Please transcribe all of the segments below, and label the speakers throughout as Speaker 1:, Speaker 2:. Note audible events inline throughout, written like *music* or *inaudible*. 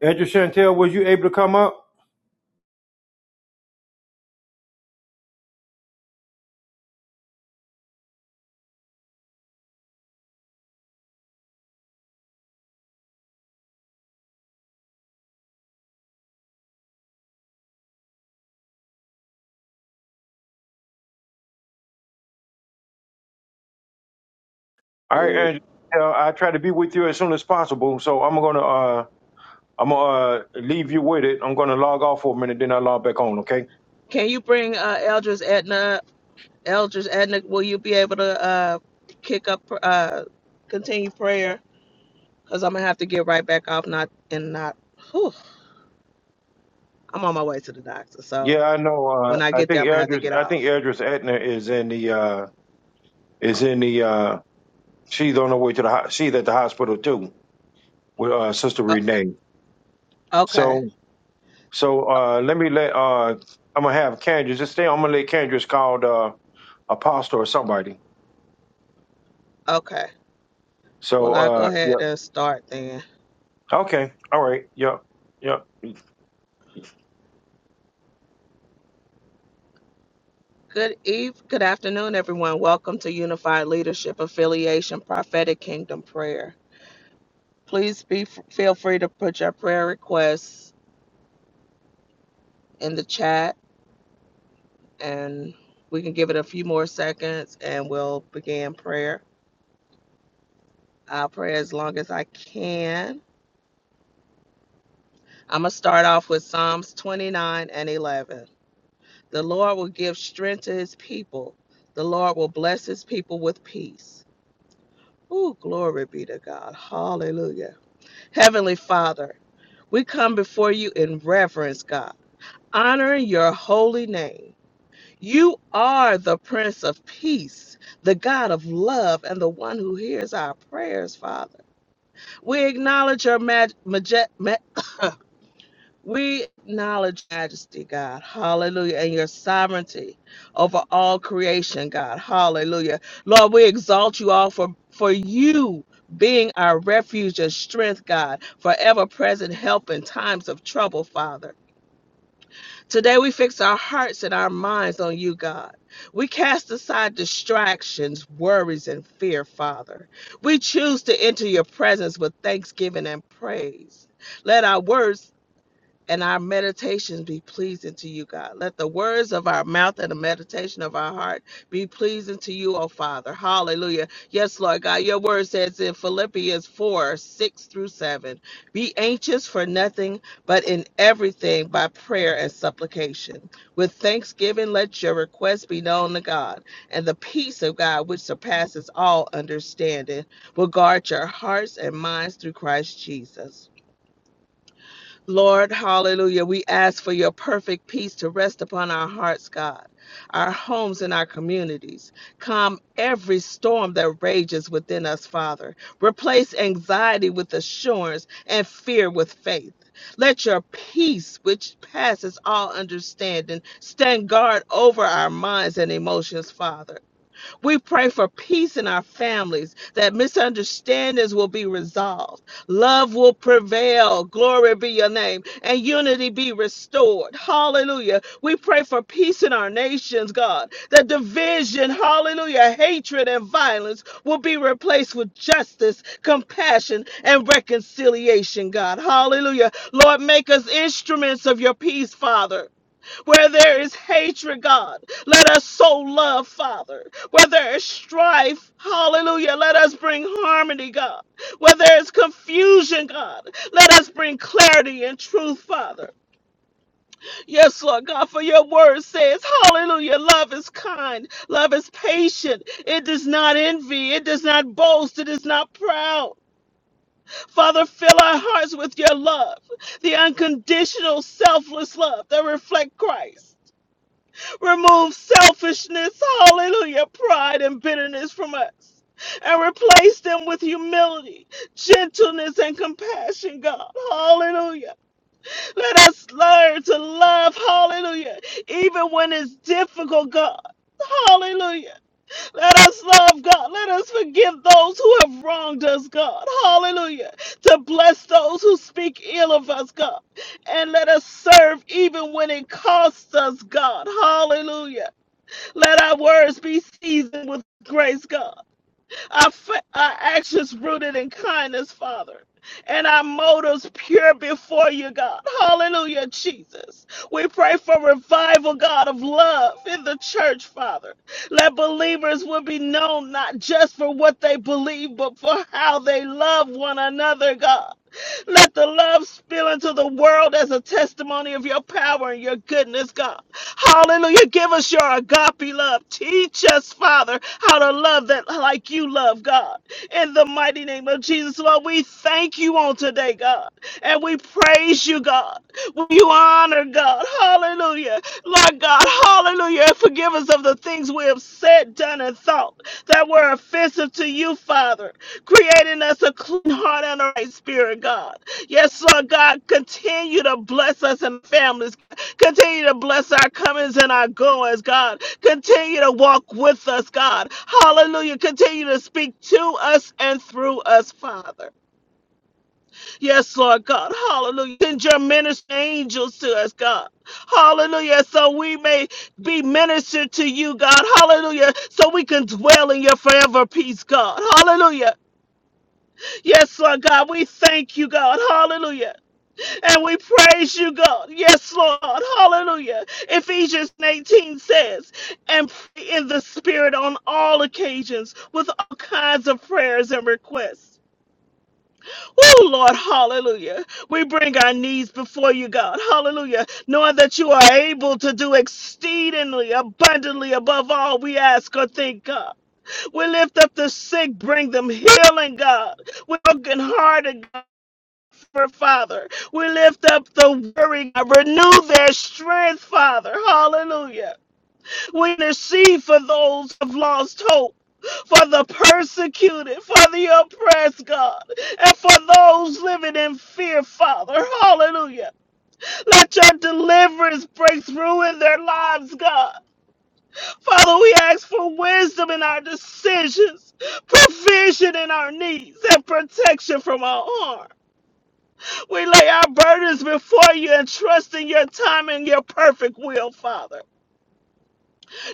Speaker 1: Andrew Chantel, was you able to come up? All right,
Speaker 2: Ooh.
Speaker 1: Andrew. Chantel, I try to be with you as soon as possible, so I'm gonna uh I'm gonna uh, leave you with it. I'm gonna log off for a minute, then I log back on. Okay?
Speaker 2: Can you bring uh, Eldridge Edna? Eldridge Edna, will you be able to uh, kick up, uh, continue prayer? Because I'm gonna have to get right back off. Not and not. Whew, I'm on my way to the doctor, so
Speaker 1: Yeah, I know. Uh,
Speaker 2: when I
Speaker 1: I
Speaker 2: get there,
Speaker 1: think
Speaker 2: I'm gonna have to
Speaker 1: Eldris,
Speaker 2: get
Speaker 1: I think
Speaker 2: off.
Speaker 1: Eldris Etner is in the uh is in the uh she's on her way to the ho- she's at the hospital too with uh Sister
Speaker 2: Uh,
Speaker 1: Renee.
Speaker 2: okay,
Speaker 1: So so uh let me let uh I'm gonna have Candace just stay. I'm gonna let Candace call the uh, apostle or somebody.
Speaker 2: okay. Well,
Speaker 1: So
Speaker 2: I'll go
Speaker 1: uh yeah.
Speaker 2: ahead and start then.
Speaker 1: Okay. All right. Yep. Yep.
Speaker 2: Good eve, good afternoon, everyone. Welcome to Unified Leadership Affiliation Prophetic Kingdom Prayer. Please be feel free to put your prayer requests in the chat and we can give it a few more seconds and we'll begin prayer. I'll pray as long as I can. I'm going to start off with Psalms 29 and 11. The Lord will give strength to his people, the Lord will bless his people with peace. Ooh, glory be to God. Hallelujah. Heavenly Father, we come before you in reverence, God, honoring your holy name. You are the Prince of Peace, the God of love, and the one who hears our prayers, Father. We acknowledge your mag- maje- ma- we acknowledge your majesty, God. Hallelujah. And your sovereignty over all creation, God. Hallelujah. Lord, we exalt you all for, for you being our refuge and strength, God, forever present help in times of trouble, Father. Today we fix our hearts and our minds on you, God. We cast aside distractions, worries, and fear, Father. We choose to enter your presence with thanksgiving and praise. Let our words and our meditations be pleasing to you, God. Let the words of our mouth and the meditation of our heart be pleasing to you, O Father. Hallelujah. Yes, Lord God, your word says in Philippians 4 6 through 7 Be anxious for nothing, but in everything by prayer and supplication. With thanksgiving, let your requests be known to God, and the peace of God, which surpasses all understanding, will guard your hearts and minds through Christ Jesus. Lord, hallelujah, we ask for your perfect peace to rest upon our hearts, God, our homes and our communities. Calm every storm that rages within us, Father. Replace anxiety with assurance and fear with faith. Let your peace, which passes all understanding, stand guard over our minds and emotions, Father. We pray for peace in our families, that misunderstandings will be resolved, love will prevail, glory be your name, and unity be restored. Hallelujah. We pray for peace in our nations, God, that division, hallelujah, hatred and violence will be replaced with justice, compassion, and reconciliation, God. Hallelujah. Lord, make us instruments of your peace, Father. Where there is hatred, God, let us sow love, Father. Where there is strife, hallelujah, let us bring harmony, God. Where there is confusion, God, let us bring clarity and truth, Father. Yes, Lord God, for your word says, hallelujah, love is kind, love is patient, it does not envy, it does not boast, it is not proud. Father, fill our hearts with your love, the unconditional, selfless love that reflects Christ. Remove selfishness, hallelujah, pride and bitterness from us, and replace them with humility, gentleness, and compassion, God, hallelujah. Let us learn to love, hallelujah, even when it's difficult, God. Hallelujah. Let us love God. Let us forgive those who have wronged us, God. Hallelujah. To bless those who speak ill of us, God and let us serve even when it costs us, God. Hallelujah. Let our words be seasoned with grace, God. Our, fa- our actions rooted in kindness, Father. And our motives pure before you, God. Hallelujah, Jesus. We pray for revival, God, of love in the church, Father. Let believers will be known not just for what they believe, but for how they love one another, God. Let the love spill into the world as a testimony of your power and your goodness, God. Hallelujah. Give us your agape love. Teach us, Father, how to love that like you love, God. In the mighty name of Jesus, Lord, we thank you on today, God. And we praise you, God. We honor, God. Hallelujah. Lord God, hallelujah. Hallelujah. And Forgive us of the things we have said, done, and thought that were offensive to you, Father. Creating us a clean heart and a right spirit, God. Yes, Lord God, continue to bless us and families. Continue to bless our comings and our goings, God. Continue to walk with us, God. Hallelujah. Continue to speak to us and through us, Father. Yes, Lord God. Hallelujah. Send your minister angels to us, God. Hallelujah. So we may be ministered to you, God. Hallelujah. So we can dwell in your forever peace, God. Hallelujah. Yes, Lord God. We thank you, God. Hallelujah. And we praise you, God. Yes, Lord. Hallelujah. Ephesians 18 says, and pray in the Spirit on all occasions with all kinds of prayers and requests. Oh, Lord, hallelujah. We bring our needs before you, God. Hallelujah. Knowing that you are able to do exceedingly abundantly above all we ask or think, God. We lift up the sick, bring them healing, God. We brokenhearted, God, for Father. We lift up the weary, God. Renew their strength, Father. Hallelujah. Winter she for those who have lost hope, for the persecuted, for the oppressed, God, and for those living in fear, Father. Hallelujah. Let your deliverance break through in their lives, God. Father, we ask for wisdom in our decisions, provision in our needs, and protection from our harm. We lay our burdens before you and trust in your time and your perfect will, Father.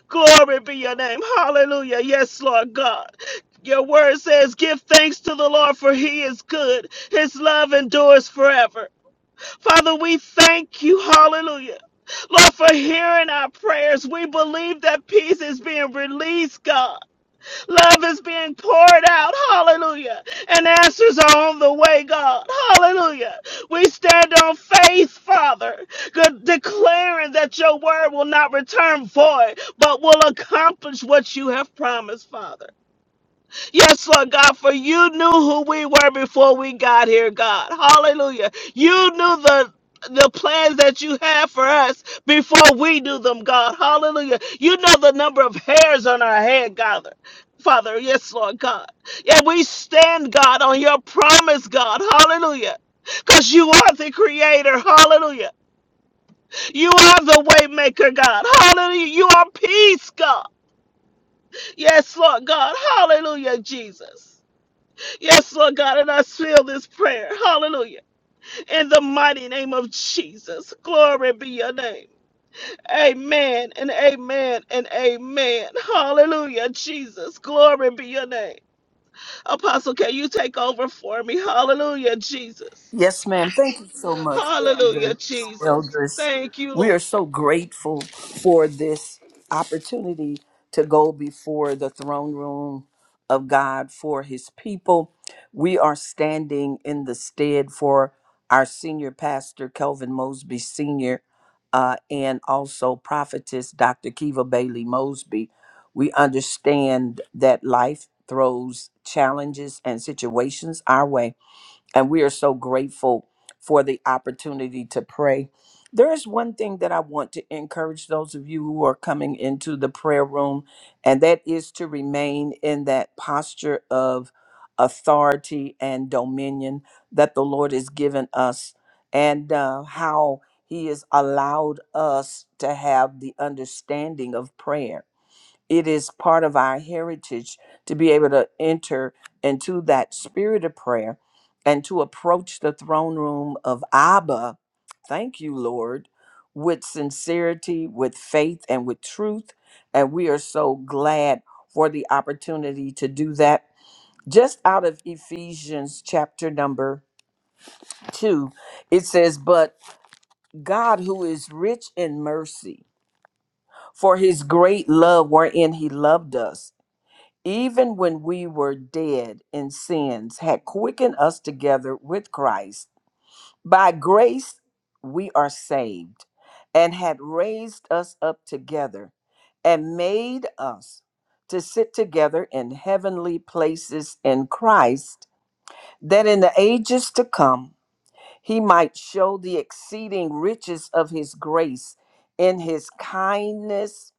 Speaker 2: Glory be your name. Hallelujah. Yes, Lord God. Your word says, Give thanks to the Lord, for he is good. His love endures forever. Father, we thank you. Hallelujah. Lord, for hearing our prayers. We believe that peace is being released, God. Love is being poured out. Hallelujah. And answers are on the way, God. Hallelujah. We stand on faith, Father, declaring that your word will not return void, but will accomplish what you have promised, Father. Yes, Lord God, for you knew who we were before we got here, God. Hallelujah. You knew the the plans that you have for us before we knew them, God. Hallelujah. You know the number of hairs on our head, God. Father, yes, Lord God. And we stand, God, on your promise, God. Hallelujah. Because you are the creator. Hallelujah. You are the way maker, God. Hallelujah. You are peace, God. Yes, Lord God. Hallelujah, Jesus. Yes, Lord God, and I seal this prayer. Hallelujah. In the mighty name of Jesus. Glory be your name. Amen and amen and amen. Hallelujah, Jesus. Glory be your name. Apostle, can you take over for me? Hallelujah, Jesus.
Speaker 3: Yes, ma'am. Thank you so much,
Speaker 2: Hallelujah,
Speaker 3: elders.
Speaker 2: Jesus.
Speaker 3: Elders,
Speaker 2: Thank you,
Speaker 3: we
Speaker 2: Lord.
Speaker 3: are so grateful for this opportunity to go before the throne room of God for His people. We are standing in the stead for our senior pastor, Kelvin Mosby Sr., uh, and also prophetess, Dr. Kiva Bailey Mosby. We understand that life throws challenges and situations our way and we are so grateful for the opportunity to pray. There is one thing that I want to encourage those of you who are coming into the prayer room, and that is to remain in that posture of authority and dominion that the Lord has given us, and uh, how He has allowed us to have the understanding of prayer it is part of our heritage to be able to enter into that spirit of prayer and to approach the throne room of Abba. Thank you, Lord, with sincerity, with faith, and with truth. And we are so glad for the opportunity to do that. Just out of Ephesians chapter number two, it says, But God, who is rich in mercy, for his great love wherein he loved us, even when we were dead in sins, had quickened us together with Christ. By grace we are saved, and had raised us up together, and made us to sit together in heavenly places in Christ, that in the ages to come he might show the exceeding riches of his grace in his kindness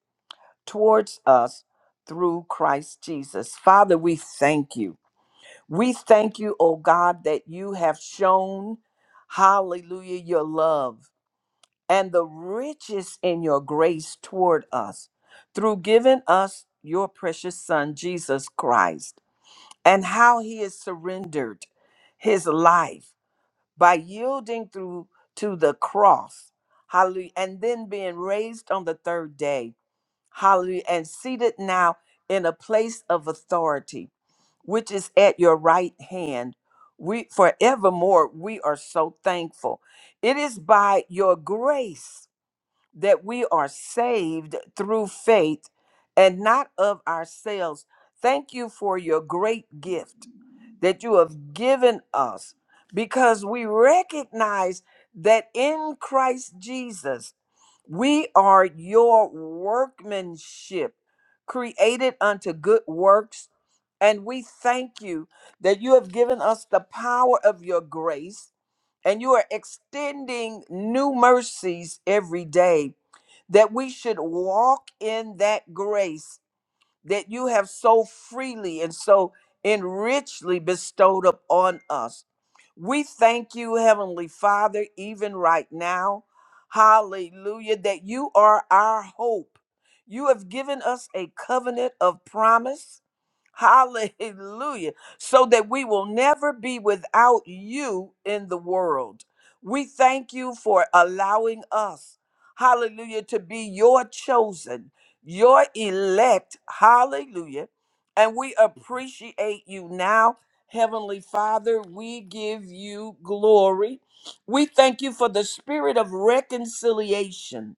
Speaker 3: towards us through Christ Jesus. Father, we thank you. We thank you, O God, that you have shown, hallelujah, your love and the riches in your grace toward us through giving us your precious Son, Jesus Christ, and how he has surrendered his life by yielding through to the cross, hallelujah, and then being raised on the third day, hallelujah, and seated now in a place of authority which is at your right hand. We forevermore we are so thankful. It is by your grace that we are saved through faith and not of ourselves. Thank you for your great gift that you have given us because we recognize that in Christ Jesus, we are your workmanship created unto good works. And we thank you that you have given us the power of your grace and you are extending new mercies every day that we should walk in that grace that you have so freely and so enrichly bestowed upon us we thank you, Heavenly Father, even right now. Hallelujah, that you are our hope. You have given us a covenant of promise. Hallelujah. So that we will never be without you in the world. We thank you for allowing us, hallelujah, to be your chosen, your elect. Hallelujah. And we appreciate you now Heavenly Father, we give you glory. We thank you for the spirit of reconciliation,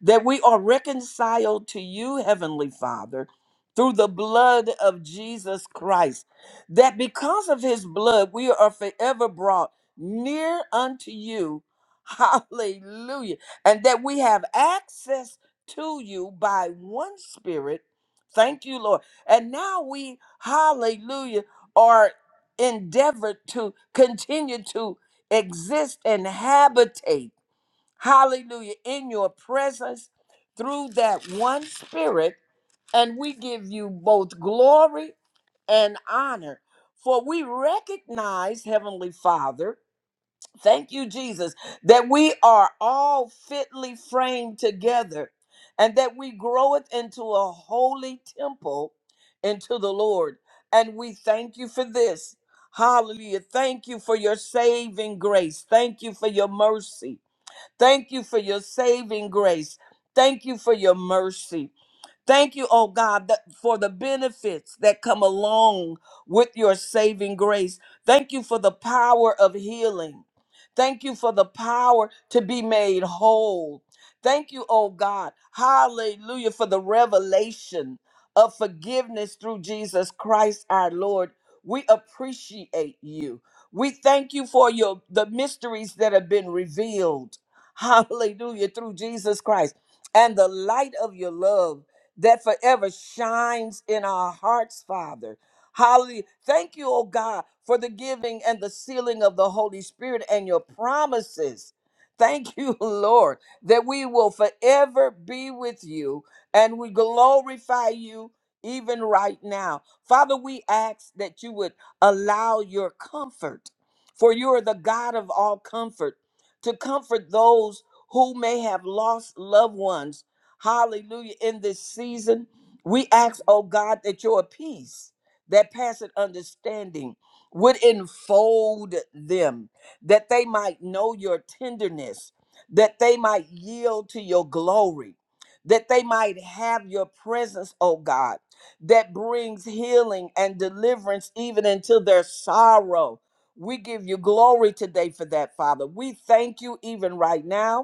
Speaker 3: that we are reconciled to you, Heavenly Father, through the blood of Jesus Christ, that because of his blood, we are forever brought near unto you. *laughs* Hallelujah. And that we have access to you by one spirit. Thank you, Lord. And now we, hallelujah endeavored to continue to exist and habitate, hallelujah, in your presence through that one spirit. And we give you both glory and honor. For we recognize, Heavenly Father, Thank you, Jesus, that we are all fitly framed together and that we groweth into a holy temple into the Lord. And we thank you for this. Hallelujah. Thank you for your saving grace. Thank you for your mercy. Thank you for your saving grace. Thank you for your mercy. Thank you, oh God, that for the benefits that come along with your saving grace. Thank you for the power of healing. Thank you for the power to be made whole. Thank you, oh God. Hallelujah for the revelation of forgiveness through Jesus Christ our Lord. We appreciate you. We thank you for your the mysteries that have been revealed. *laughs* Hallelujah through Jesus Christ and the light of your love that forever shines in our hearts, Father. Hallelujah. Thank you, oh God, for the giving and the sealing of the Holy Spirit and your promises. Thank you, *laughs* Lord, that we will forever be with you and we glorify you even right now. Father, we ask that you would allow your comfort, for you are the God of all comfort, to comfort those who may have lost loved ones Hallelujah. In this season, we ask, oh God, that your peace that passeth understanding would enfold them, that they might know your tenderness, that they might yield to your glory, that they might have your presence, oh God, that brings healing and deliverance even into their sorrow. We give you glory today for that, Father. We thank you even right now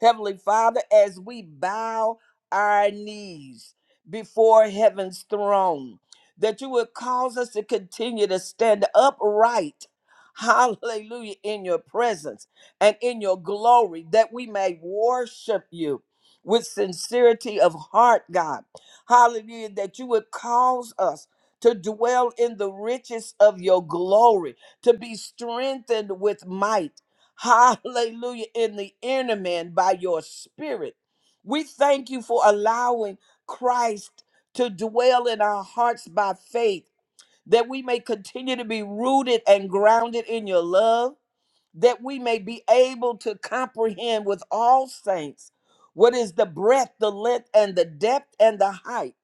Speaker 3: Heavenly Father, as we bow our knees before heaven's throne, that you would cause us to continue to stand upright, *laughs* hallelujah, in your presence and in your glory, that we may worship you with sincerity of heart, God. Hallelujah, that you would cause us to dwell in the riches of your glory, to be strengthened with might hallelujah, in the inner man by your spirit. We thank you for allowing Christ to dwell in our hearts by faith, that we may continue to be rooted and grounded in your love, that we may be able to comprehend with all saints what is the breadth, the length, and the depth, and the height.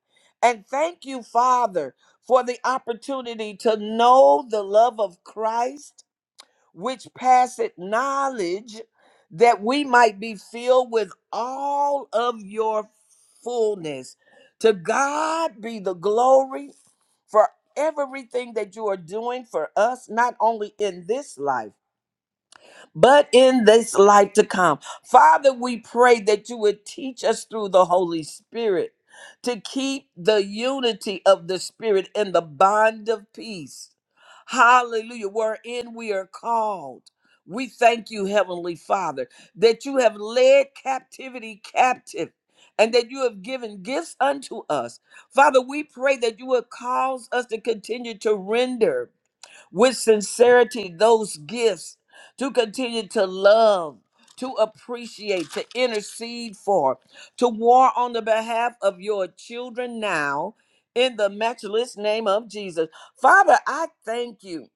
Speaker 3: And thank you, Father, for the opportunity to know the love of Christ which passeth knowledge, that we might be filled with all of your fullness. To God be the glory for everything that you are doing for us, not only in this life but in this life to come. Father, we pray that you would teach us through the Holy Spirit to keep the unity of the Spirit and the bond of peace. Hallelujah, wherein we are called. We thank you, Heavenly Father, that you have led captivity captive and that you have given gifts unto us. Father, we pray that you would cause us to continue to render with sincerity those gifts to continue to love, to appreciate, to intercede for, to war on the behalf of your children now in the matchless name of Jesus. Father, I thank you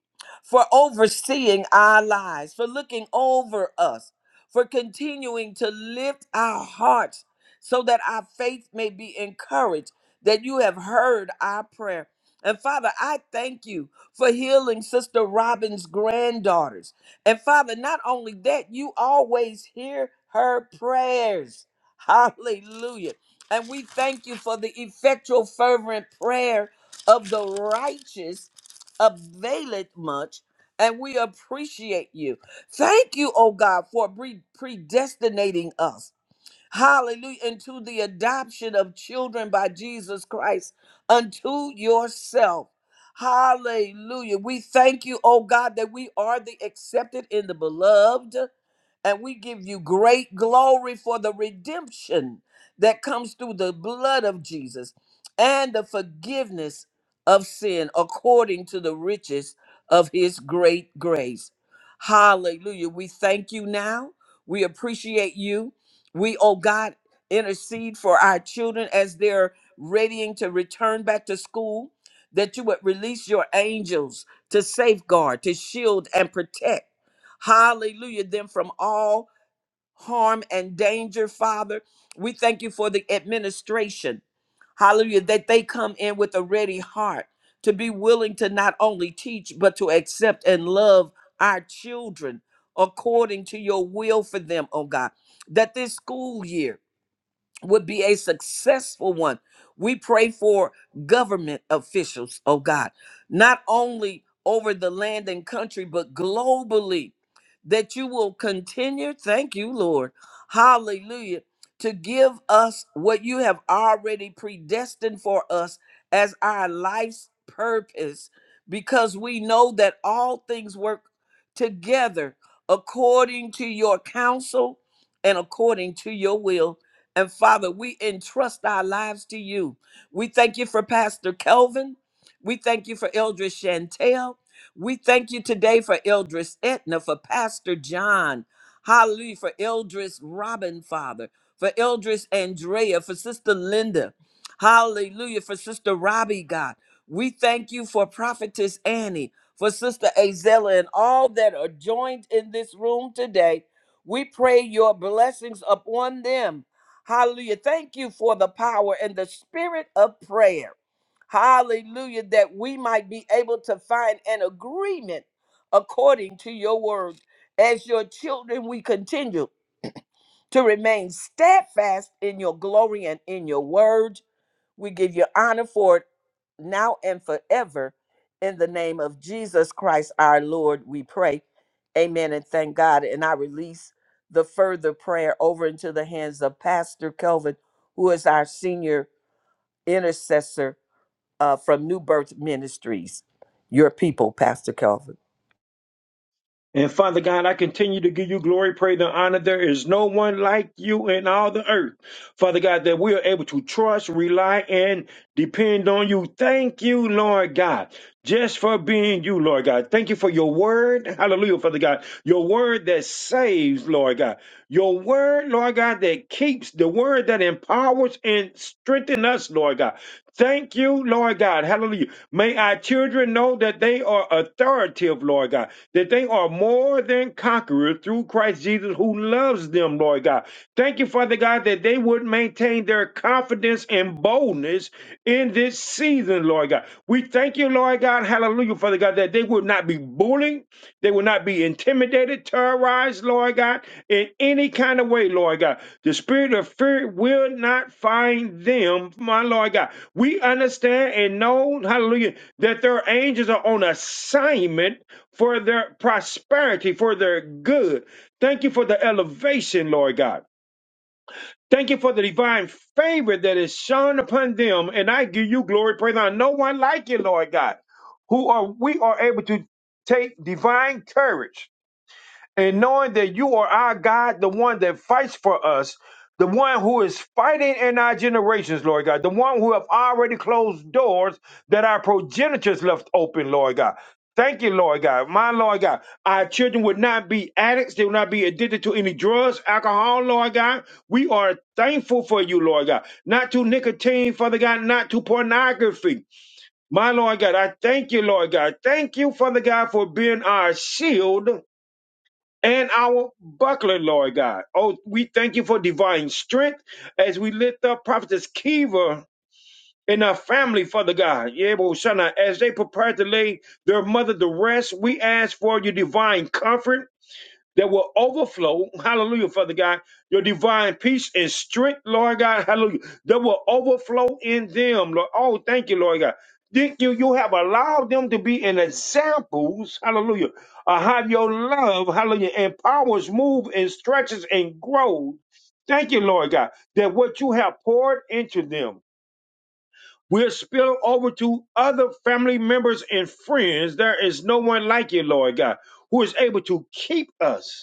Speaker 3: for overseeing our lives, for looking over us, for continuing to lift our hearts so that our faith may be encouraged, that you have heard our prayer. And Father, I thank you for healing Sister Robin's granddaughters. And Father, not only that, you always hear her prayers. *laughs* Hallelujah. And we thank you for the effectual, fervent prayer of the righteous availeth much. And we appreciate you. Thank you, oh God, for pre- predestinating us. Hallelujah. Into the adoption of children by Jesus Christ unto yourself. Hallelujah. We thank you, oh God, that we are the accepted in the beloved and we give you great glory for the redemption that comes through the blood of Jesus and the forgiveness of sin according to the riches of his great grace. Hallelujah. We thank you now. We appreciate you. We, oh God, intercede for our children as they're readying to return back to school, that you would release your angels to safeguard, to shield, and protect Hallelujah. Them from all harm and danger, Father. We thank you for the administration. Hallelujah. That they come in with a ready heart to be willing to not only teach, but to accept and love our children according to your will for them, oh God. That this school year, would be a successful one. We pray for government officials, oh God, not only over the land and country, but globally, that you will continue, thank you, Lord, hallelujah, to give us what you have already predestined for us as our life's purpose, because we know that all things work together according to your counsel and according to your will and Father, we entrust our lives to you. We thank you for Pastor Kelvin. We thank you for Eldris Chantel. We thank you today for Eldris Etna, for Pastor John. Hallelujah. For Eldris Robin, Father. For Eldris Andrea, for Sister Linda. Hallelujah. For Sister Robbie, God. We thank you for Prophetess Annie, for Sister Azella, and all that are joined in this room today. We pray your blessings upon them Hallelujah. Thank you for the power and the spirit of prayer. Hallelujah. That we might be able to find an agreement according to your word. As your children, we continue to remain steadfast in your glory and in your word we give you honor for it now and forever. In the name of Jesus Christ, our Lord, we pray. Amen and thank God. And I release the further prayer over into the hands of Pastor Kelvin, who is our senior intercessor uh, from New Birth Ministries. Your people, Pastor Kelvin.
Speaker 1: And Father God, I continue to give you glory, praise, and honor. There is no one like you in all the earth. Father God, that we are able to trust, rely, and depend on you. Thank you, Lord God, just for being you, Lord God. Thank you for your word. Hallelujah, Father God. Your word that saves, Lord God. Your word, Lord God, that keeps, the word that empowers and strengthens us, Lord God. Thank you, Lord God. Hallelujah. May our children know that they are authoritative, Lord God, that they are more than conquerors through Christ Jesus who loves them, Lord God. Thank you, Father God, that they would maintain their confidence and boldness in this season, Lord God. We thank you, Lord God, hallelujah, Father God, that they would not be bullied they will not be intimidated, terrorized, Lord God, in any kind of way, Lord God. The spirit of fear will not find them, my Lord God. We understand and know, hallelujah, that their angels are on assignment for their prosperity, for their good. Thank you for the elevation, Lord God. Thank you for the divine favor that is shown upon them. And I give you glory, praise, on no one like you, Lord God, who are we are able to take divine courage and knowing that you are our God, the one that fights for us, the one who is fighting in our generations, Lord God, the one who have already closed doors that our progenitors left open, Lord God. Thank you, Lord God. My Lord God, our children would not be addicts. They would not be addicted to any drugs, alcohol, Lord God. We are thankful for you, Lord God. Not to nicotine, Father God, not to pornography. My Lord God, I thank you, Lord God. Thank you, Father God, for being our shield and our buckler, Lord God. Oh, we thank you for divine strength as we lift up Prophetess Kiva and our family, Father God. Yebo Shana, As they prepare to lay their mother to rest, we ask for your divine comfort that will overflow, hallelujah, Father God, your divine peace and strength, Lord God, hallelujah, that will overflow in them, Lord. Oh, thank you, Lord God. Thank you. You have allowed them to be an examples, hallelujah, of how your love, hallelujah, empowers, move, and stretches and grows. Thank you, Lord God, that what you have poured into them will spill over to other family members and friends. There is no one like you, Lord God, who is able to keep us.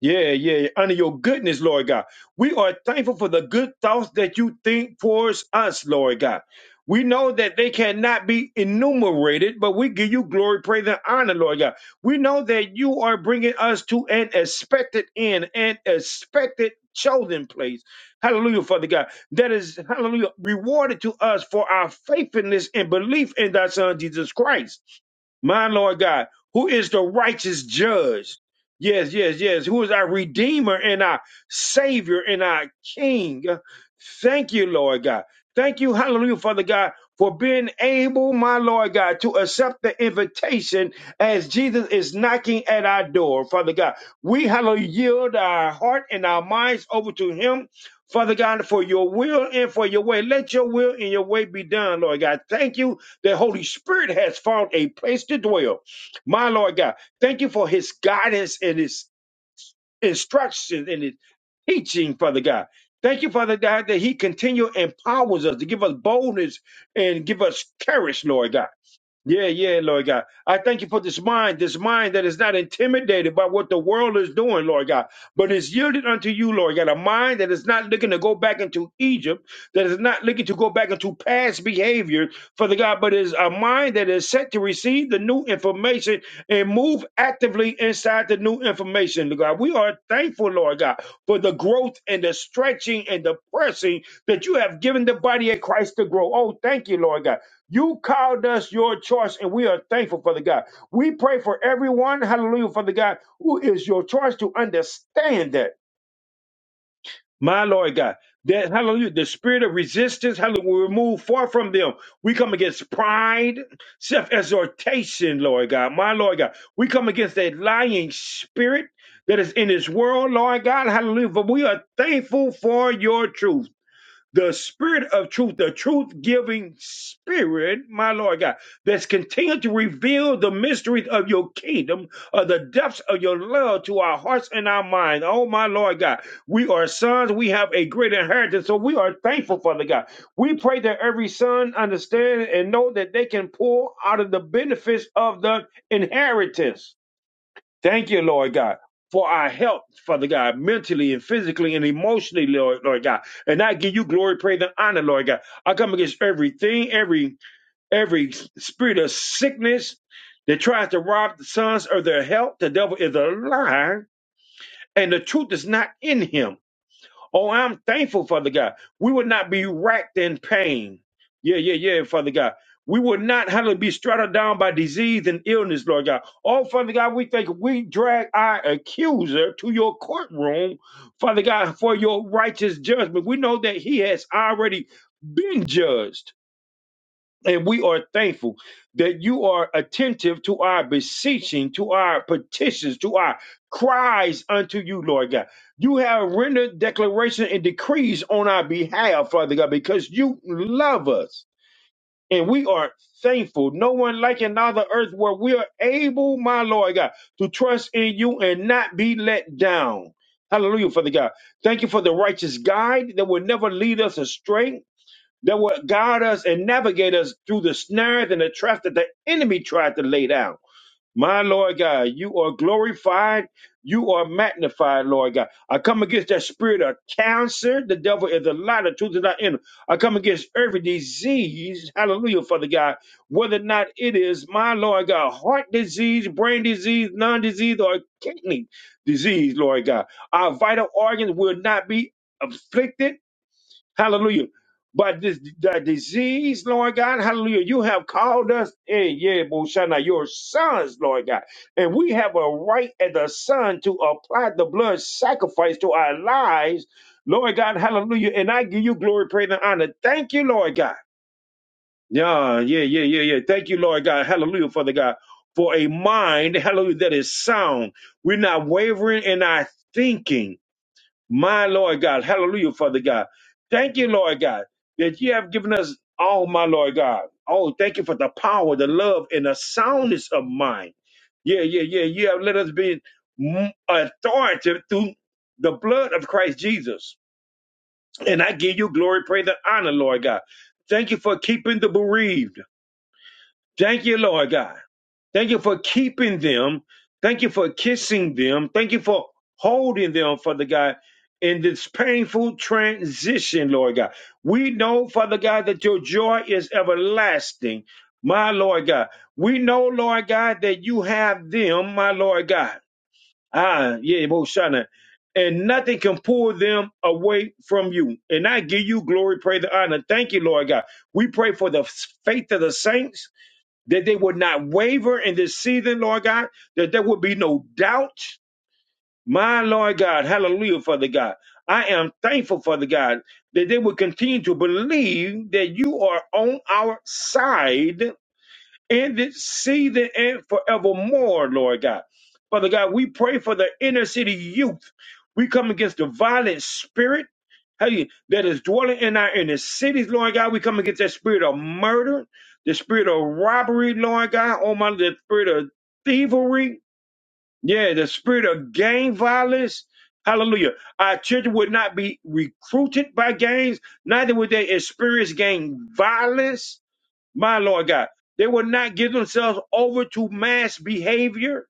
Speaker 1: Yeah, yeah, yeah. Under your goodness, Lord God. We are thankful for the good thoughts that you think towards us, Lord God. We know that they cannot be enumerated, but we give you glory, praise, and honor, Lord God. We know that you are bringing us to an expected end, an expected chosen place. Hallelujah, Father God. That is, hallelujah, rewarded to us for our faithfulness and belief in thy Son, Jesus Christ my Lord God, who is the righteous judge. Yes, yes, yes. Who is our Redeemer and our Savior and our King. Thank you, Lord God. Thank you, hallelujah, Father God, for being able, my Lord God, to accept the invitation as Jesus is knocking at our door, Father God. We, hallelujah, yield our heart and our minds over to Him, Father God, for your will and for your way. Let your will and your way be done, Lord God. Thank you the Holy Spirit has found a place to dwell. My Lord God, thank you for his guidance and his instruction and his teaching, Father God. Thank you, Father God, that he continue empowers us to give us boldness and give us courage, Lord God. Yeah, yeah, Lord God. I thank you for this mind, this mind that is not intimidated by what the world is doing, Lord God, but is yielded unto you, Lord God. A mind that is not looking to go back into Egypt, that is not looking to go back into past behavior, Father God, but is a mind that is set to receive the new information and move actively inside the new information, Lord God. We are thankful, Lord God, for the growth and the stretching and the pressing that you have given the body of Christ to grow. Oh, thank you, Lord God. You called us your choice, and we are thankful for the God. We pray for everyone, hallelujah, for the God who is your choice to understand that, my Lord God, that, hallelujah, the spirit of resistance, hallelujah, we remove far from them. We come against pride, self exhortation, Lord God, my Lord God. We come against that lying spirit that is in this world, Lord God, hallelujah. But we are thankful for your truth the spirit of truth, the truth giving spirit, my Lord God, that's continued to reveal the mysteries of your kingdom, of the depths of your love to our hearts and our minds. Oh, my Lord God, we are sons. We have a great inheritance. So we are thankful, Father God. We pray that every son understand and know that they can pull out of the benefits of the inheritance Thank you, Lord God, for our help, Father God, mentally and physically and emotionally, Lord, Lord God. And I give you glory, praise, and honor, Lord God. I come against everything, every every spirit of sickness that tries to rob the sons of their health. The devil is a liar, and the truth is not in him. Oh, I'm thankful, Father God. We would not be racked in pain. Yeah, yeah, yeah, Father God. We would not have to be straddled down by disease and illness, Lord God. Oh, Father God, we think we drag our accuser to your courtroom, Father God, for your righteous judgment. We know that he has already been judged. And we are thankful that you are attentive to our beseeching, to our petitions, to our cries unto you, Lord God. You have rendered declaration and decrees on our behalf, Father God, because you love us. And we are thankful. No one like another earth where we are able, my Lord God, to trust in you and not be let down. Hallelujah, Father God. Thank you for the righteous guide that will never lead us astray that would guide us and navigate us through the snares and the traps that the enemy tried to lay down. My Lord God, you are glorified. You are magnified, Lord God. I come against that spirit of cancer. The devil is a lie. The truth is not in him. I come against every disease. Hallelujah, Father God. Whether or not it is, my Lord God, heart disease, brain disease, lung disease, or kidney disease, Lord God. Our vital organs will not be afflicted Hallelujah. But this the disease, Lord God, hallelujah. You have called us in yeah, Boshana, your sons, Lord God. And we have a right as a son to apply the blood sacrifice to our lives, Lord God, hallelujah. And I give you glory, praise, and honor. Thank you, Lord God. Yeah, yeah, yeah, yeah, yeah. Thank you, Lord God. Hallelujah, Father God. For a mind, hallelujah, that is sound. We're not wavering in our thinking my Lord God, hallelujah, Father God. Thank you, Lord God, that you have given us all, my Lord God. Oh, thank you for the power, the love, and the soundness of mind. Yeah, yeah, yeah. You have let us be m- authoritative through the blood of Christ Jesus. And I give you glory, praise, and honor, Lord God. Thank you for keeping the bereaved. Thank you, Lord God. Thank you for keeping them. Thank you for kissing them. Thank you for holding them, Father God, in this painful transition, Lord God. We know, Father God, that your joy is everlasting, my Lord God. We know, Lord God, that you have them, my Lord God. Ah, yeah, Moshana. And nothing can pull them away from you. And I give you glory, praise, and honor. Thank you, Lord God. We pray for the faith of the saints that they would not waver in this season, Lord God, that there would be no doubt. My Lord God, hallelujah, Father God. I am thankful, Father God, that they would continue to believe that you are on our side in this season and forevermore, Lord God. Father God, we pray for the inner city youth. We come against the violent spirit hey, that is dwelling in our inner cities, Lord God. We come against that spirit of murder, the spirit of robbery, Lord God. Oh, my, the spirit of thievery. Yeah, the spirit of gang violence. Hallelujah. Our children would not be recruited by gangs, neither would they experience gang violence. My Lord God. They will not give themselves over to mass behavior.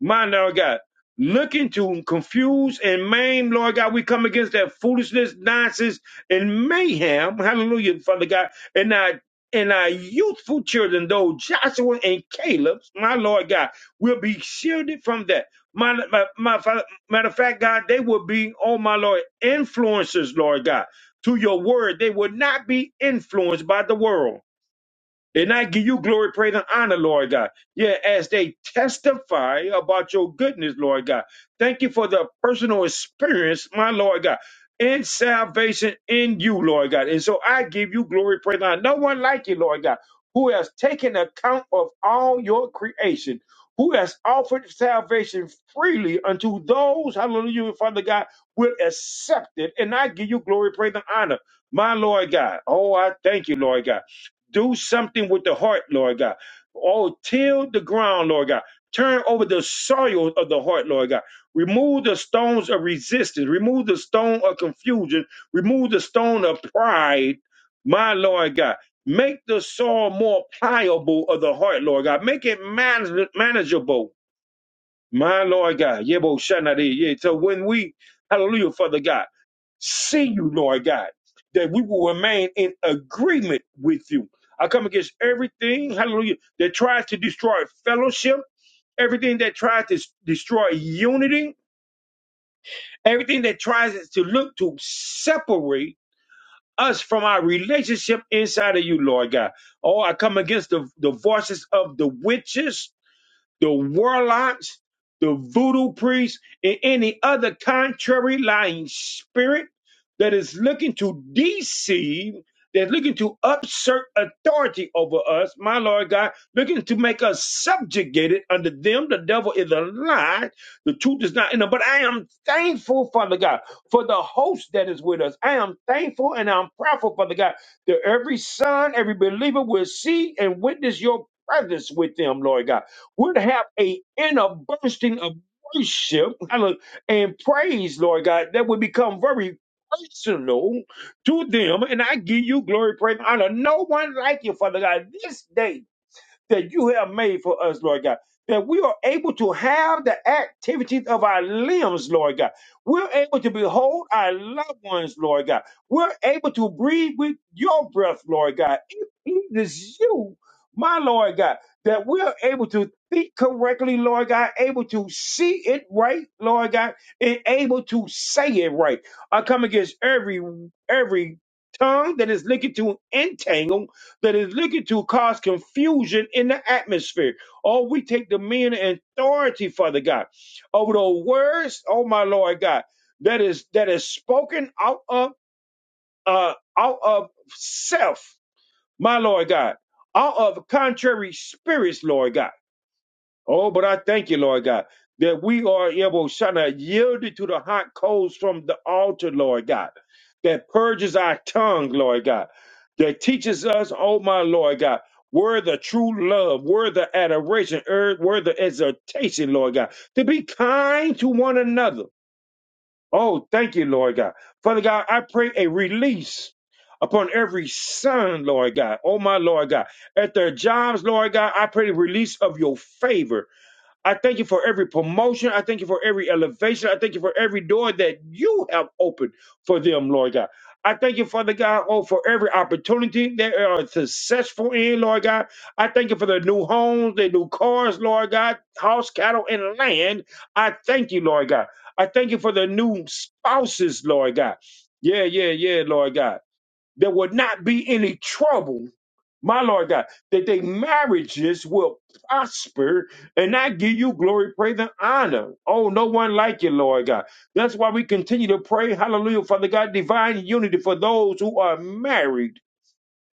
Speaker 1: My Lord God. Looking to confuse and maim, Lord God, we come against that foolishness, nonsense, and mayhem. Hallelujah, Father God. And our and our youthful children, though Joshua and Caleb, my Lord God, will be shielded from that. My, my, my Father- matter of fact, God, they will be, oh my Lord, influencers, Lord God, to your word. They will not be influenced by the world. And I give you glory, praise, and honor, Lord God. Yeah, as they testify about your goodness, Lord God. Thank you for the personal experience, my Lord God, and salvation in you, Lord God. And so I give you glory, praise, and honor. No one like you, Lord God, who has taken account of all your creation, who has offered salvation freely unto those, hallelujah, Father God, will accept it. And I give you glory, praise, and honor, my Lord God. Oh, I thank you, Lord God. Do something with the heart, Lord God. Oh, till the ground, Lord God. Turn over the soil of the heart, Lord God. Remove the stones of resistance. Remove the stone of confusion. Remove the stone of pride, my Lord God. Make the soil more pliable of the heart, Lord God. Make it manage- manageable my Lord God. Yebo Shanade. Yeah. So when we, hallelujah, Father God, see you, Lord God, that we will remain in agreement with you. I come against everything, hallelujah, that tries to destroy fellowship, everything that tries to s- destroy unity, everything that tries to look to separate us from our relationship inside of you, Lord God. Oh, I come against the, the voices of the witches the warlocks, the voodoo priests, and any other contrary lying spirit that is looking to deceive, that's looking to usurp authority over us, my Lord God, looking to make us subjugated under them. The devil is a lie. The truth is not in them. But I am thankful, Father God, for the host that is with us. I am thankful and I'm proudful, Father God, that every son, every believer will see and witness your presence with them, Lord God would have a inner bursting of worship hallelujah, and praise, Lord God, that would become very personal to them. And I give you glory, praise, and honor. No one like you, Father God, this day that you have made for us, Lord God. That we are able to have the activities of our limbs, Lord God. We're able to behold our loved ones, Lord God. We're able to breathe with your breath, Lord God. It pleases you, my Lord God, that we're able to think correctly, Lord God, able to see it right, Lord God, and able to say it right. I come against every every tongue that is looking to entangle that is looking to cause confusion in the atmosphere. Oh, we take dominion and authority, Father God, over the words, oh my Lord God, that is that is spoken out of uh out of self, my Lord God, out of contrary spirits, Lord God Oh, but I thank you, Lord God, that we are able, Shana, yielded to the hot coals from the altar, Lord God, that purges our tongue, Lord God, that teaches us, oh my Lord God, where the true love, where the adoration, er, where the exhortation, Lord God, to be kind to one another. Oh, thank you, Lord God. Father God, I pray a release upon every son, Lord God. Oh, my Lord God. At their jobs, Lord God, I pray the release of your favor I thank you for every promotion. I thank you for every elevation. I thank you for every door that you have opened for them, Lord God. I thank you, Father God, oh, for every opportunity they are successful in, Lord God. I thank you for the new homes, the new cars, Lord God, house, cattle, and land. I thank you, Lord God. I thank you for the new spouses, Lord God. Yeah, yeah, yeah, Lord God. There will not be any trouble my Lord God, that their marriages will prosper and I give you glory, praise, and honor. Oh, no one like you, Lord God. That's why we continue to pray, hallelujah, Father God, divine unity for those who are married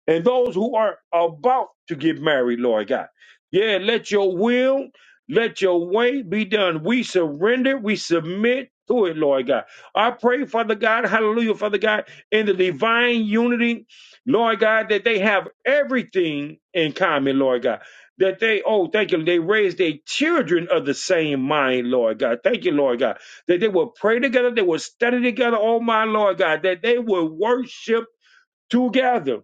Speaker 1: and those who are about to get married, Lord God. Yeah, let your will, let your way be done. We surrender, we submit to it, Lord God. I pray, Father God, hallelujah, Father God, in the divine unity, Lord God, that they have everything in common, Lord God. That they, oh, thank you, they raise their children of the same mind, Lord God. Thank you, Lord God. That they will pray together, they will study together, oh my Lord God, that they will worship together.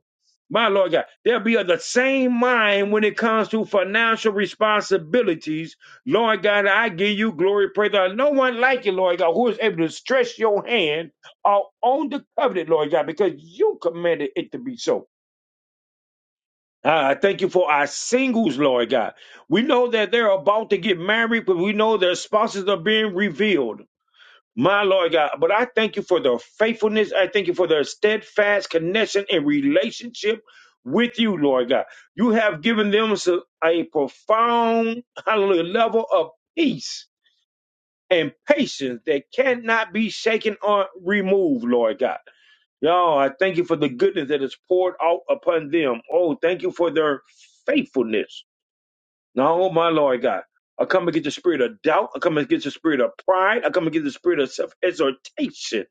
Speaker 1: My Lord God, there be of the same mind when it comes to financial responsibilities. Lord God, I give you glory, praise God. No one like you, Lord God, who is able to stretch your hand out on the covenant, Lord God, because you commanded it to be so. Uh, I thank you for our singles, Lord God. We know that they're about to get married, but we know their spouses are being revealed. My Lord God, but I thank you for their faithfulness. I thank you for their steadfast connection and relationship with you, Lord God. You have given them so- a profound, hallelujah, level of peace and patience that cannot be shaken or removed, Lord God. Y'all, I thank you for the goodness that is poured out upon them. Oh, thank you for their faithfulness. No, my Lord God. I come against the spirit of doubt. I come against the spirit of pride. I come against the spirit of self exhortation.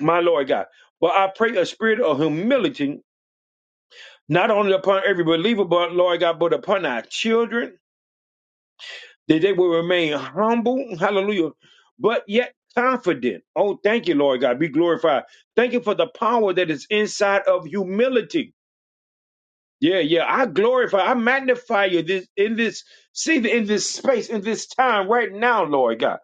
Speaker 1: my Lord God. But I pray a spirit of humility, not only upon every believer, but Lord God, but upon our children, that they will remain humble, hallelujah, but yet confident. Oh, thank you, Lord God, be glorified. Thank you for the power that is inside of humility. Yeah, yeah. I glorify, I magnify you this in this season, in this space, in this time right now, Lord God.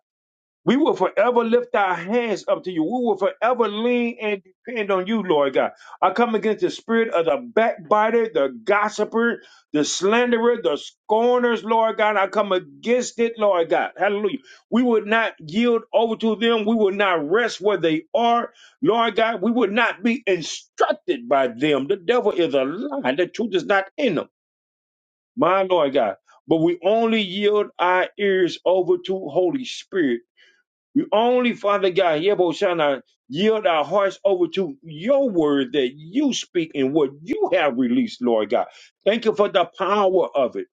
Speaker 1: We will forever lift our hands up to you. We will forever lean and depend on you, Lord God. I come against the spirit of the backbiter, the gossiper, the slanderer, the scorners, Lord God. I come against it, Lord God. Hallelujah. We would not yield over to them. We would not rest where they are, Lord God. We would not be instructed by them. The devil is a lie. The truth is not in them, my Lord God. But we only yield our ears over to Holy Spirit we only, Father God, Yeboshana, yield our hearts over to your word that you speak and what you have released, Lord God. Thank you for the power of it.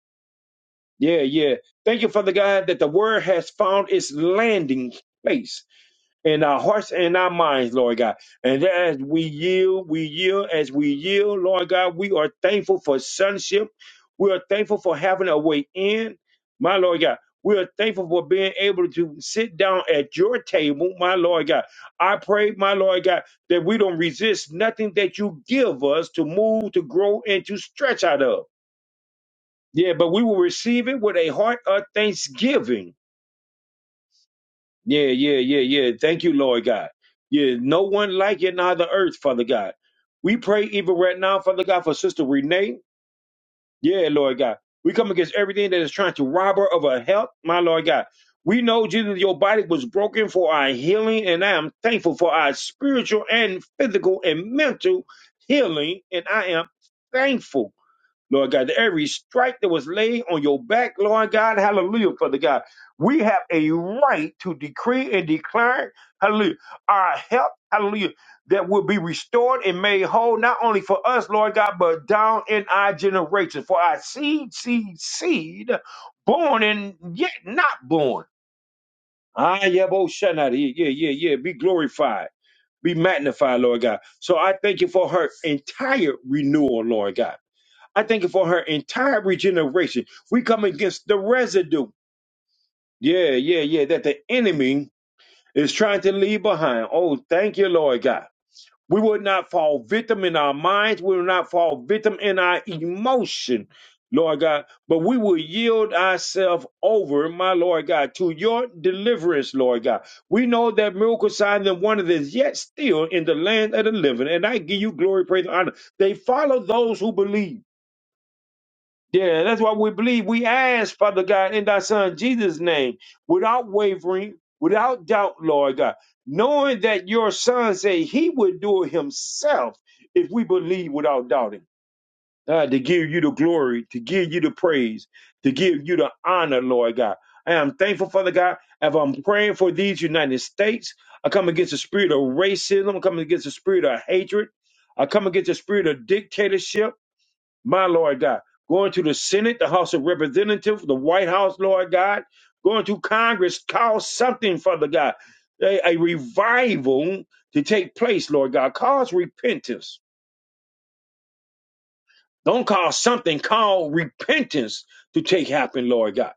Speaker 1: Yeah, yeah. Thank you, Father God, that the word has found its landing place in our hearts and our minds, Lord God. And as we yield, we yield, as we yield, Lord God, we are thankful for sonship. We are thankful for having a way in, my Lord God. We are thankful for being able to sit down at your table, my Lord God. I pray, my Lord God, that we don't resist nothing that you give us to move, to grow, and to stretch out of. Yeah, but we will receive it with a heart of thanksgiving. Yeah, yeah, yeah, yeah. Thank you, Lord God. Yeah, no one like you in all the earth, Father God. We pray even right now, Father God, for Sister Renee. Yeah, Lord God. We come against everything that is trying to rob her of her health, my Lord God. We know, Jesus, your body was broken for our healing, and I am thankful for our spiritual and physical and mental healing, and I am thankful. Lord God, that every strike that was laid on your back, Lord God, hallelujah, Father God. We have a right to decree and declare, hallelujah, our help, hallelujah, that will be restored and made whole, not only for us, Lord God, but down in our generation. For our seed, seed, seed, born and yet not born. Ah, yeah, bo shanna, yeah, yeah, yeah, yeah. Be glorified, be magnified, Lord God. So I thank you for her entire renewal, Lord God. I thank you for her entire regeneration. We come against the residue. Yeah, yeah, yeah, that the enemy is trying to leave behind. Oh, thank you, Lord God. We will not fall victim in our minds. We will not fall victim in our emotion, Lord God. But we will yield ourselves over, my Lord God, to your deliverance, Lord God. We know that miracle signs and wonders is yet still in the land of the living. And I give you glory, praise, and honor. They follow those who believe. Yeah, that's why we believe. We ask, Father God, in thy Son Jesus' name, without wavering, without doubt, Lord God, knowing that your Son said he would do it himself if we believe without doubting. God, to give you the glory, to give you the praise, to give you the honor, Lord God. I am thankful, Father God, as I'm praying for these United States. I come against the spirit of racism. I come against the spirit of hatred. I come against the spirit of dictatorship my Lord God, going to the Senate, the House of Representatives, the White House, Lord God, going to Congress, call something, Father God, a, a revival to take place, Lord God, cause repentance don't cause something called repentance to take happen, Lord God.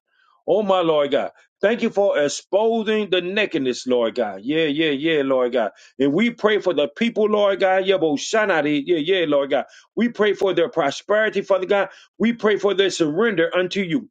Speaker 1: Oh my Lord God. Thank you for exposing the nakedness, Lord God. Yeah, yeah, yeah, Lord God. And we pray for the people, Lord God. Yeah, but shine out it. Yeah, yeah, Lord God. We pray for their prosperity, Father God. We pray for their surrender unto you.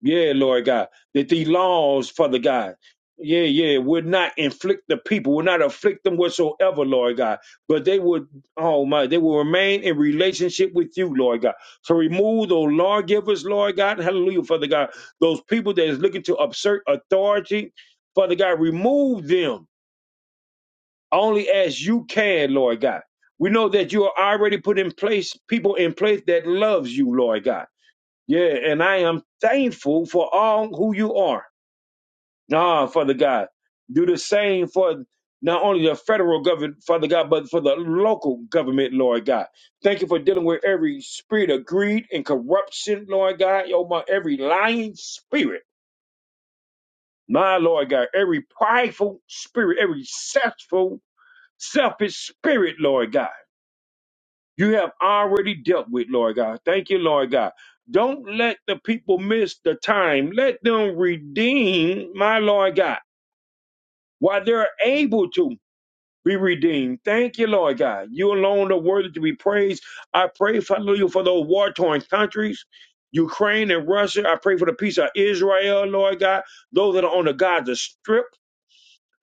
Speaker 1: Yeah, Lord God, that these laws, Father God, yeah, yeah, would not inflict the people, would not afflict them whatsoever, Lord God, but they would, oh my, they will remain in relationship with you, Lord God. So remove those lawgivers, Lord God, hallelujah, Father God, those people that is looking to assert authority, Father God, remove them only as you can, Lord God. We know that you are already put in place people in place that loves you, Lord God yeah, and I am thankful for all who you are. Ah, Father God, do the same for not only the federal government, Father God, but for the local government, Lord God. Thank you for dealing with every spirit of greed and corruption, Lord God. Oh my, every lying spirit, my Lord God, every prideful spirit, every selfful, selfish spirit, Lord God. you have already dealt with, Lord God. Thank you, Lord God. Don't let the people miss the time. Let them redeem, my Lord God, while they're able to be redeemed. Thank you, Lord God. You alone are worthy to be praised. I pray, hallelujah, for those war torn countries. Ukraine and Russia. I pray for the peace of Israel, Lord God. Those that are on the Gaza Strip.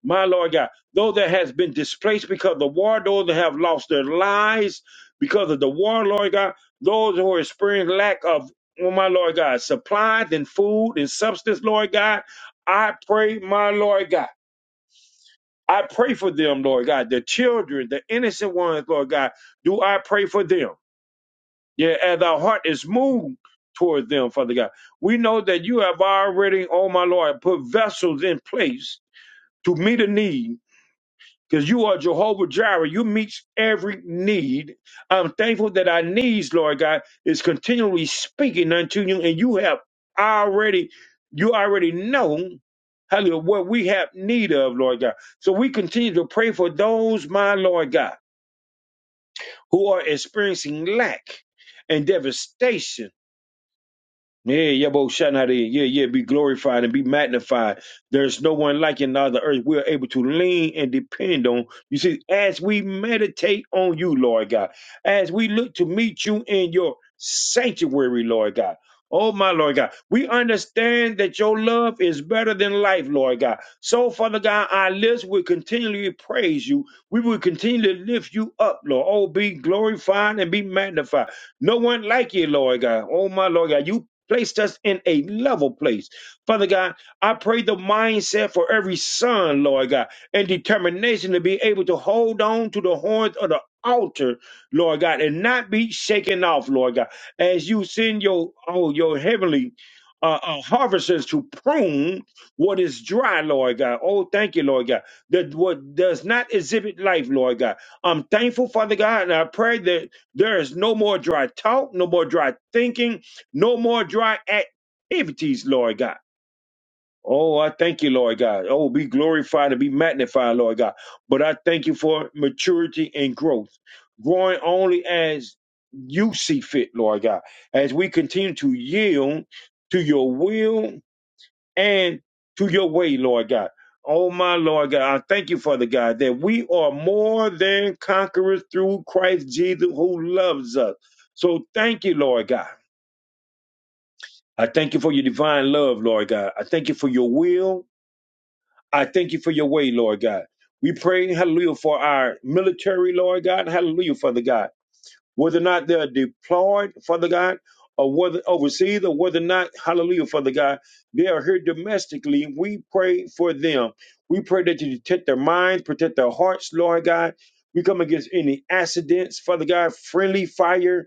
Speaker 1: My Lord God, though that has been displaced because of the war, those that have lost their lives because of the war, Lord God, those who are experiencing lack of, oh my Lord God, supplies and food and substance, Lord God, I pray, my Lord God. I pray for them, Lord God, the children, the innocent ones, Lord God. Do I pray for them? Yeah, as our heart is moved toward them, Father God. We know that you have already, oh my Lord, put vessels in place to meet a need because you are Jehovah Jireh. You meet every need. I'm thankful that our needs, Lord God, is continually speaking unto you, and you have already, you already know, hallelujah, what we have need of, Lord God. So we continue to pray for those, my Lord God, who are experiencing lack and devastation yeah, Yabo Shanari. Yeah, yeah, be glorified and be magnified. There's no one like you now on the earth. We're able to lean and depend on. You see, as we meditate on you, Lord God, as we look to meet you in your sanctuary, Lord God. Oh my Lord God, we understand that your love is better than life, Lord God. So, Father God, our lips will continually praise you. We will continually lift you up, Lord. Oh, be glorified and be magnified. No one like you, Lord God. Oh, my Lord God, you placed us in a level place. Father God, I pray the mindset for every son, Lord God, and determination to be able to hold on to the horns of the altar, Lord God, and not be shaken off, Lord God, as you send your, oh, your heavenly uh, uh, harvesters to prune what is dry, Lord God. Oh, thank you, Lord God. That what does not exhibit life, Lord God. I'm thankful, Father God, and I pray that there is no more dry talk, no more dry thinking, no more dry activities, Lord God. Oh, I thank you, Lord God. Oh, be glorified and be magnified, Lord God. But I thank you for maturity and growth, growing only as you see fit, Lord God, as we continue to yield to your will and to your way, Lord God. Oh, my Lord God, I thank you, Father God, that we are more than conquerors through Christ Jesus who loves us. So thank you, Lord God. I thank you for your divine love, Lord God. I thank you for your will. I thank you for your way, Lord God. We pray, hallelujah, for our military, Lord God. Hallelujah, Father God whether or not they're deployed, Father God, or whether overseas, or whether or not, hallelujah, Father God, they are here domestically. We pray for them. We pray that you protect their minds, protect their hearts, Lord God. We come against any accidents, Father God, friendly fire.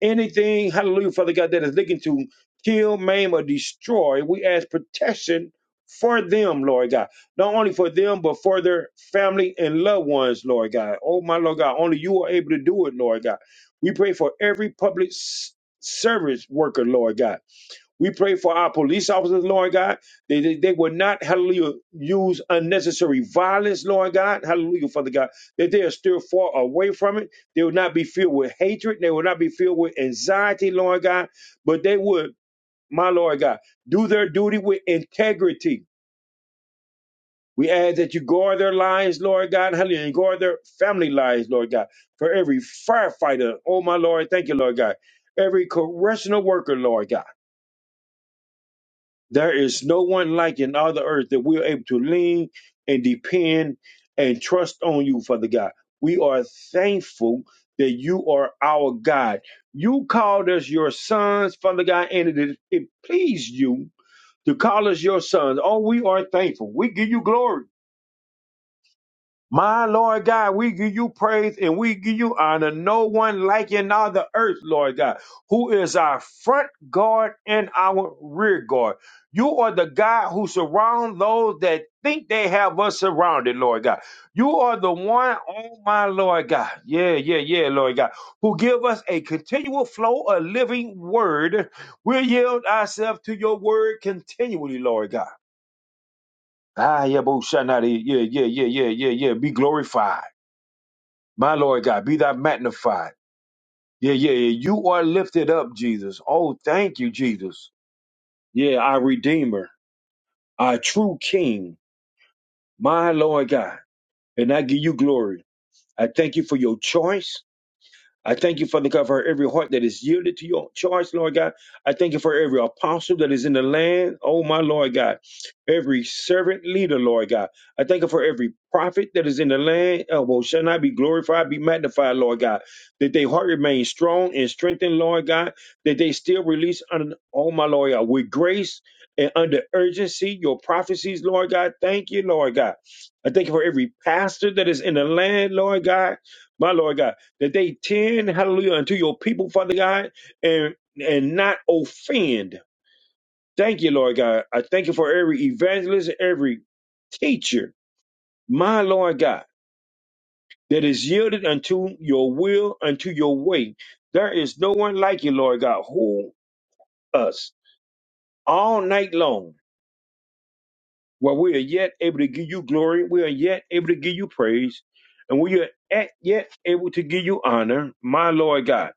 Speaker 1: Anything, hallelujah, Father God, that is looking to kill, maim, or destroy, we ask protection for them, Lord God. Not only for them, but for their family and loved ones, Lord God. Oh, my Lord God, only you are able to do it, Lord God. We pray for every public s- service worker, Lord God. We pray for our police officers, Lord God. They, they, they will not, hallelujah, use unnecessary violence, Lord God. Hallelujah, Father God. That they are still far away from it. They will not be filled with hatred. They will not be filled with anxiety, Lord God. But they would, my Lord God, do their duty with integrity. We ask that you guard their lives, Lord God. Hallelujah. And guard their family lives, Lord God. For every firefighter, oh, my Lord, thank you, Lord God. Every correctional worker, Lord God. There is no one like in all the earth that we are able to lean and depend and trust on you, Father God. We are thankful that you are our God. You called us your sons, Father God, and it, it pleased you to call us your sons. Oh, we are thankful. We give you glory. My Lord God, we give you praise and we give you honor. No one like you in all the earth, Lord God, who is our front guard and our rear guard. You are the God who surround those that think they have us surrounded, Lord God. You are the one, oh my Lord God. Yeah, yeah, yeah, Lord God, who give us a continual flow of living word. We yield ourselves to your word continually, Lord God. Ah, yeah, bo- shanadi. yeah, yeah, yeah, yeah, yeah, yeah. Be glorified. My Lord God, be thou magnified. Yeah, yeah, yeah. You are lifted up, Jesus. Oh, thank you, Jesus. Yeah, our Redeemer, our true King, my Lord God. And I give you glory. I thank you for your choice. I thank you, Father God, for every heart that is yielded to your charge, Lord God. I thank you for every apostle that is in the land, oh my Lord God. Every servant leader, Lord God. I thank you for every prophet that is in the land. Oh, well, shall I be glorified, be magnified, Lord God. That their heart remains strong and strengthened, Lord God. That they still release, under, oh my Lord God, with grace and under urgency your prophecies, Lord God. Thank you, Lord God. I thank you for every pastor that is in the land, Lord God. My Lord God that they tend, hallelujah, unto your people, Father God, and and not offend. Thank you, Lord God. I thank you for every evangelist, every teacher, my Lord God, that is yielded unto your will, unto your way. There is no one like you, Lord God, who us all night long, where we are yet able to give you glory, we are yet able to give you praise, and we are at, yet able to give you honor, my Lord God.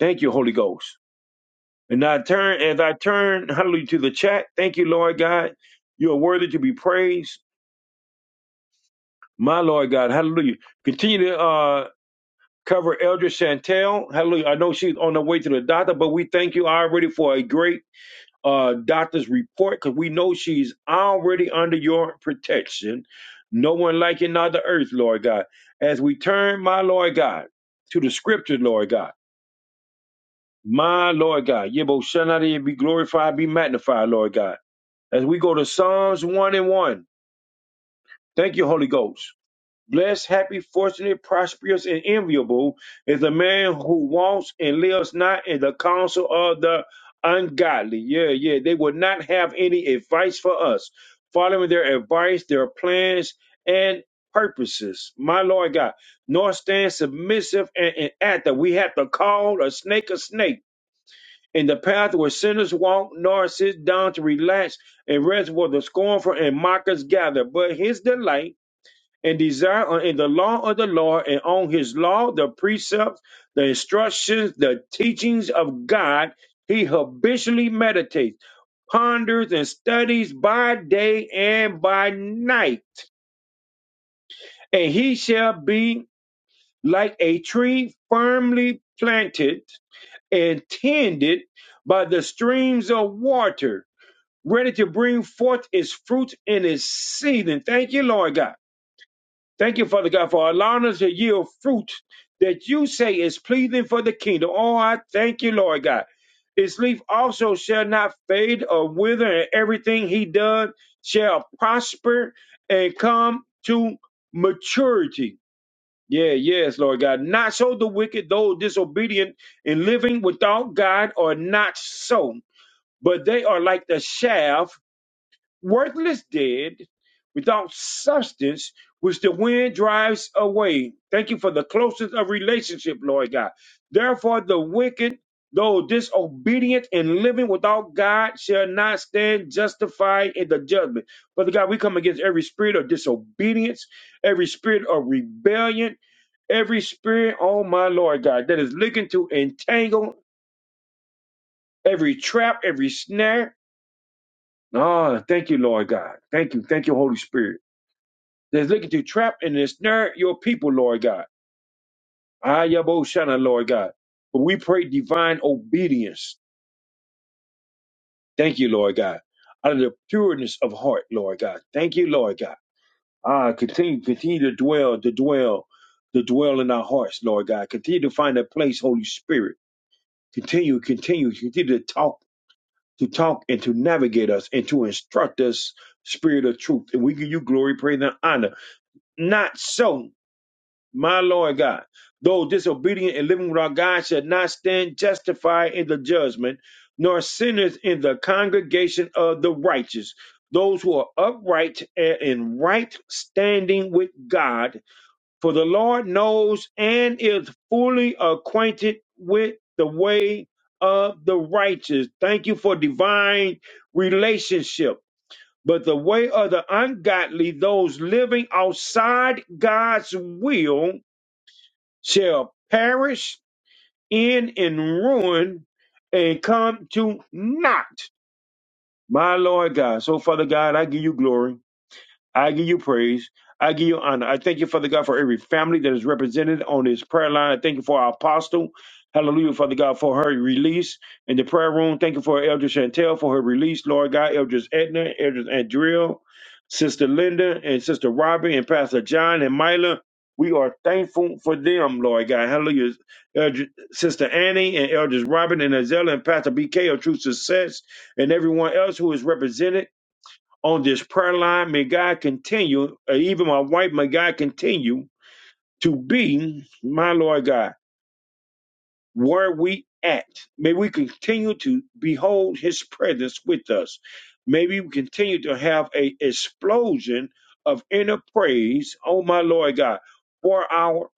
Speaker 1: Thank you, Holy Ghost. And I turn as I turn, hallelujah, to the chat. Thank you, Lord God. You are worthy to be praised. My Lord God, hallelujah. Continue to uh cover Elder Chantel. Hallelujah. I know she's on her way to the doctor, but we thank you already for a great uh doctor's report because we know she's already under your protection. No one like you not the earth, Lord God. As we turn, my Lord God, to the scripture, Lord God. My Lord God, Yebo Shanadi be glorified, be magnified, Lord God. As we go to Psalms 1 and 1. Thank you, Holy Ghost. Blessed, happy, fortunate, prosperous, and enviable is the man who walks and lives not in the counsel of the ungodly. Yeah, yeah. They will not have any advice for us, following their advice, their plans, and purposes. My Lord God, nor stand submissive and inactive. We have to call a snake a snake in the path where sinners walk, nor sit down to relax and rest where the scornful and mockers gather. But his delight and desire are in the law of the Lord, and on his law, the precepts, the instructions, the teachings of God, he habitually meditates, ponders, and studies by day and by night. And he shall be like a tree firmly planted and tended by the streams of water ready to bring forth its fruit in its season. Thank you, Lord God. Thank you, Father God, for allowing us to yield fruit that you say is pleasing for the kingdom. Oh, I thank you, Lord God. His leaf also shall not fade or wither, and everything he does shall prosper and come to maturity. Yeah, yes, Lord God. Not so the wicked, though disobedient and living without God, are not so, but they are like the shaft worthless dead without substance, which the wind drives away. Thank you for the closeness of relationship, Lord God. Therefore, the wicked, though disobedient and living without God, shall not stand justified in the judgment. Father God, we come against every spirit of disobedience, every spirit of rebellion, every spirit, oh my Lord God, that is looking to entangle every trap, every snare. Oh, thank you, Lord God. Thank you. Thank you, Holy Spirit. that's looking to trap and ensnare your people, Lord God. Ayaboshana, Lord God. But we pray divine obedience. Thank you, Lord God. Out of the pureness of heart, Lord God. Thank you, Lord God. Ah, continue, continue to dwell, to dwell, to dwell in our hearts, Lord God. Continue to find a place, Holy Spirit. Continue, continue, continue to talk, to talk and to navigate us and to instruct us, Spirit of truth. And we give you glory, praise, and honor. Not so. My Lord God, though disobedient and living without God shall not stand justified in the judgment, nor sinners in the congregation of the righteous. Those who are upright and in right standing with God, for the Lord knows and is fully acquainted with the way of the righteous. Thank you for divine relationship. But the way of the ungodly, those living outside God's will, shall perish in in ruin and come to naught. My Lord God. So, Father God, I give you glory. I give you praise. I give you honor. I thank you, Father God, for every family that is represented on this prayer line. I thank you for our apostle. Hallelujah, Father God, for her release in the prayer room. Thank you for Elder Chantel for her release, Lord God, Elders Edna, Elders Andrea, Sister Linda, and Sister Robbie, and Pastor John and Mila. We are thankful for them, Lord God. Hallelujah. Elder, Sister Annie and Elders Robin and Azella and Pastor BK of True Success and everyone else who is represented on this prayer line. May God continue, uh, even my wife, may God continue to be, my Lord God, where we at. May we continue to behold his presence with us. May we continue to have a explosion of inner praise, oh my Lord God, for our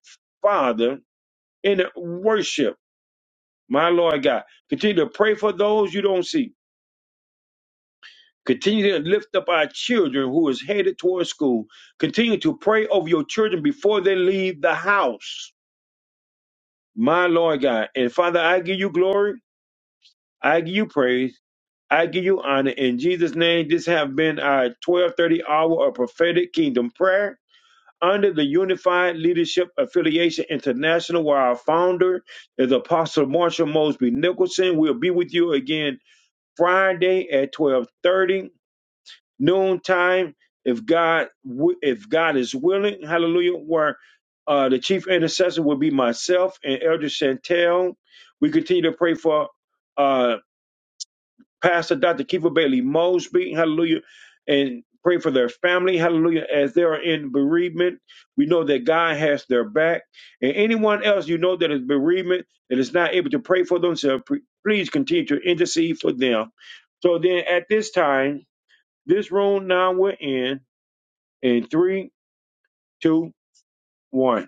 Speaker 1: Father in worship, my Lord God. Continue to pray for those you don't see Continue to lift up our children who is headed towards school. Continue to pray over your children before they leave the house. My Lord God. And Father, I give you glory. I give you praise. I give you honor. In Jesus' name, this have been our 1230 hour of prophetic kingdom prayer under the Unified Leadership Affiliation International, where our founder is Apostle Marshall Mosby Nicholson. We'll be with you again Friday at 1230 noontime, if God wi- if God is willing, hallelujah, where uh, the chief intercessor will be myself and Elder Chantel. We continue to pray for uh, Pastor Dr. Kiefer Bailey Mosby, hallelujah, and pray for their family, hallelujah, as they are in bereavement. We know that God has their back. And anyone else you know that is bereavement, that is not able to pray for themselves, pre- please continue to intercede for them. So then at this time, this room now we're in. in three, two, one.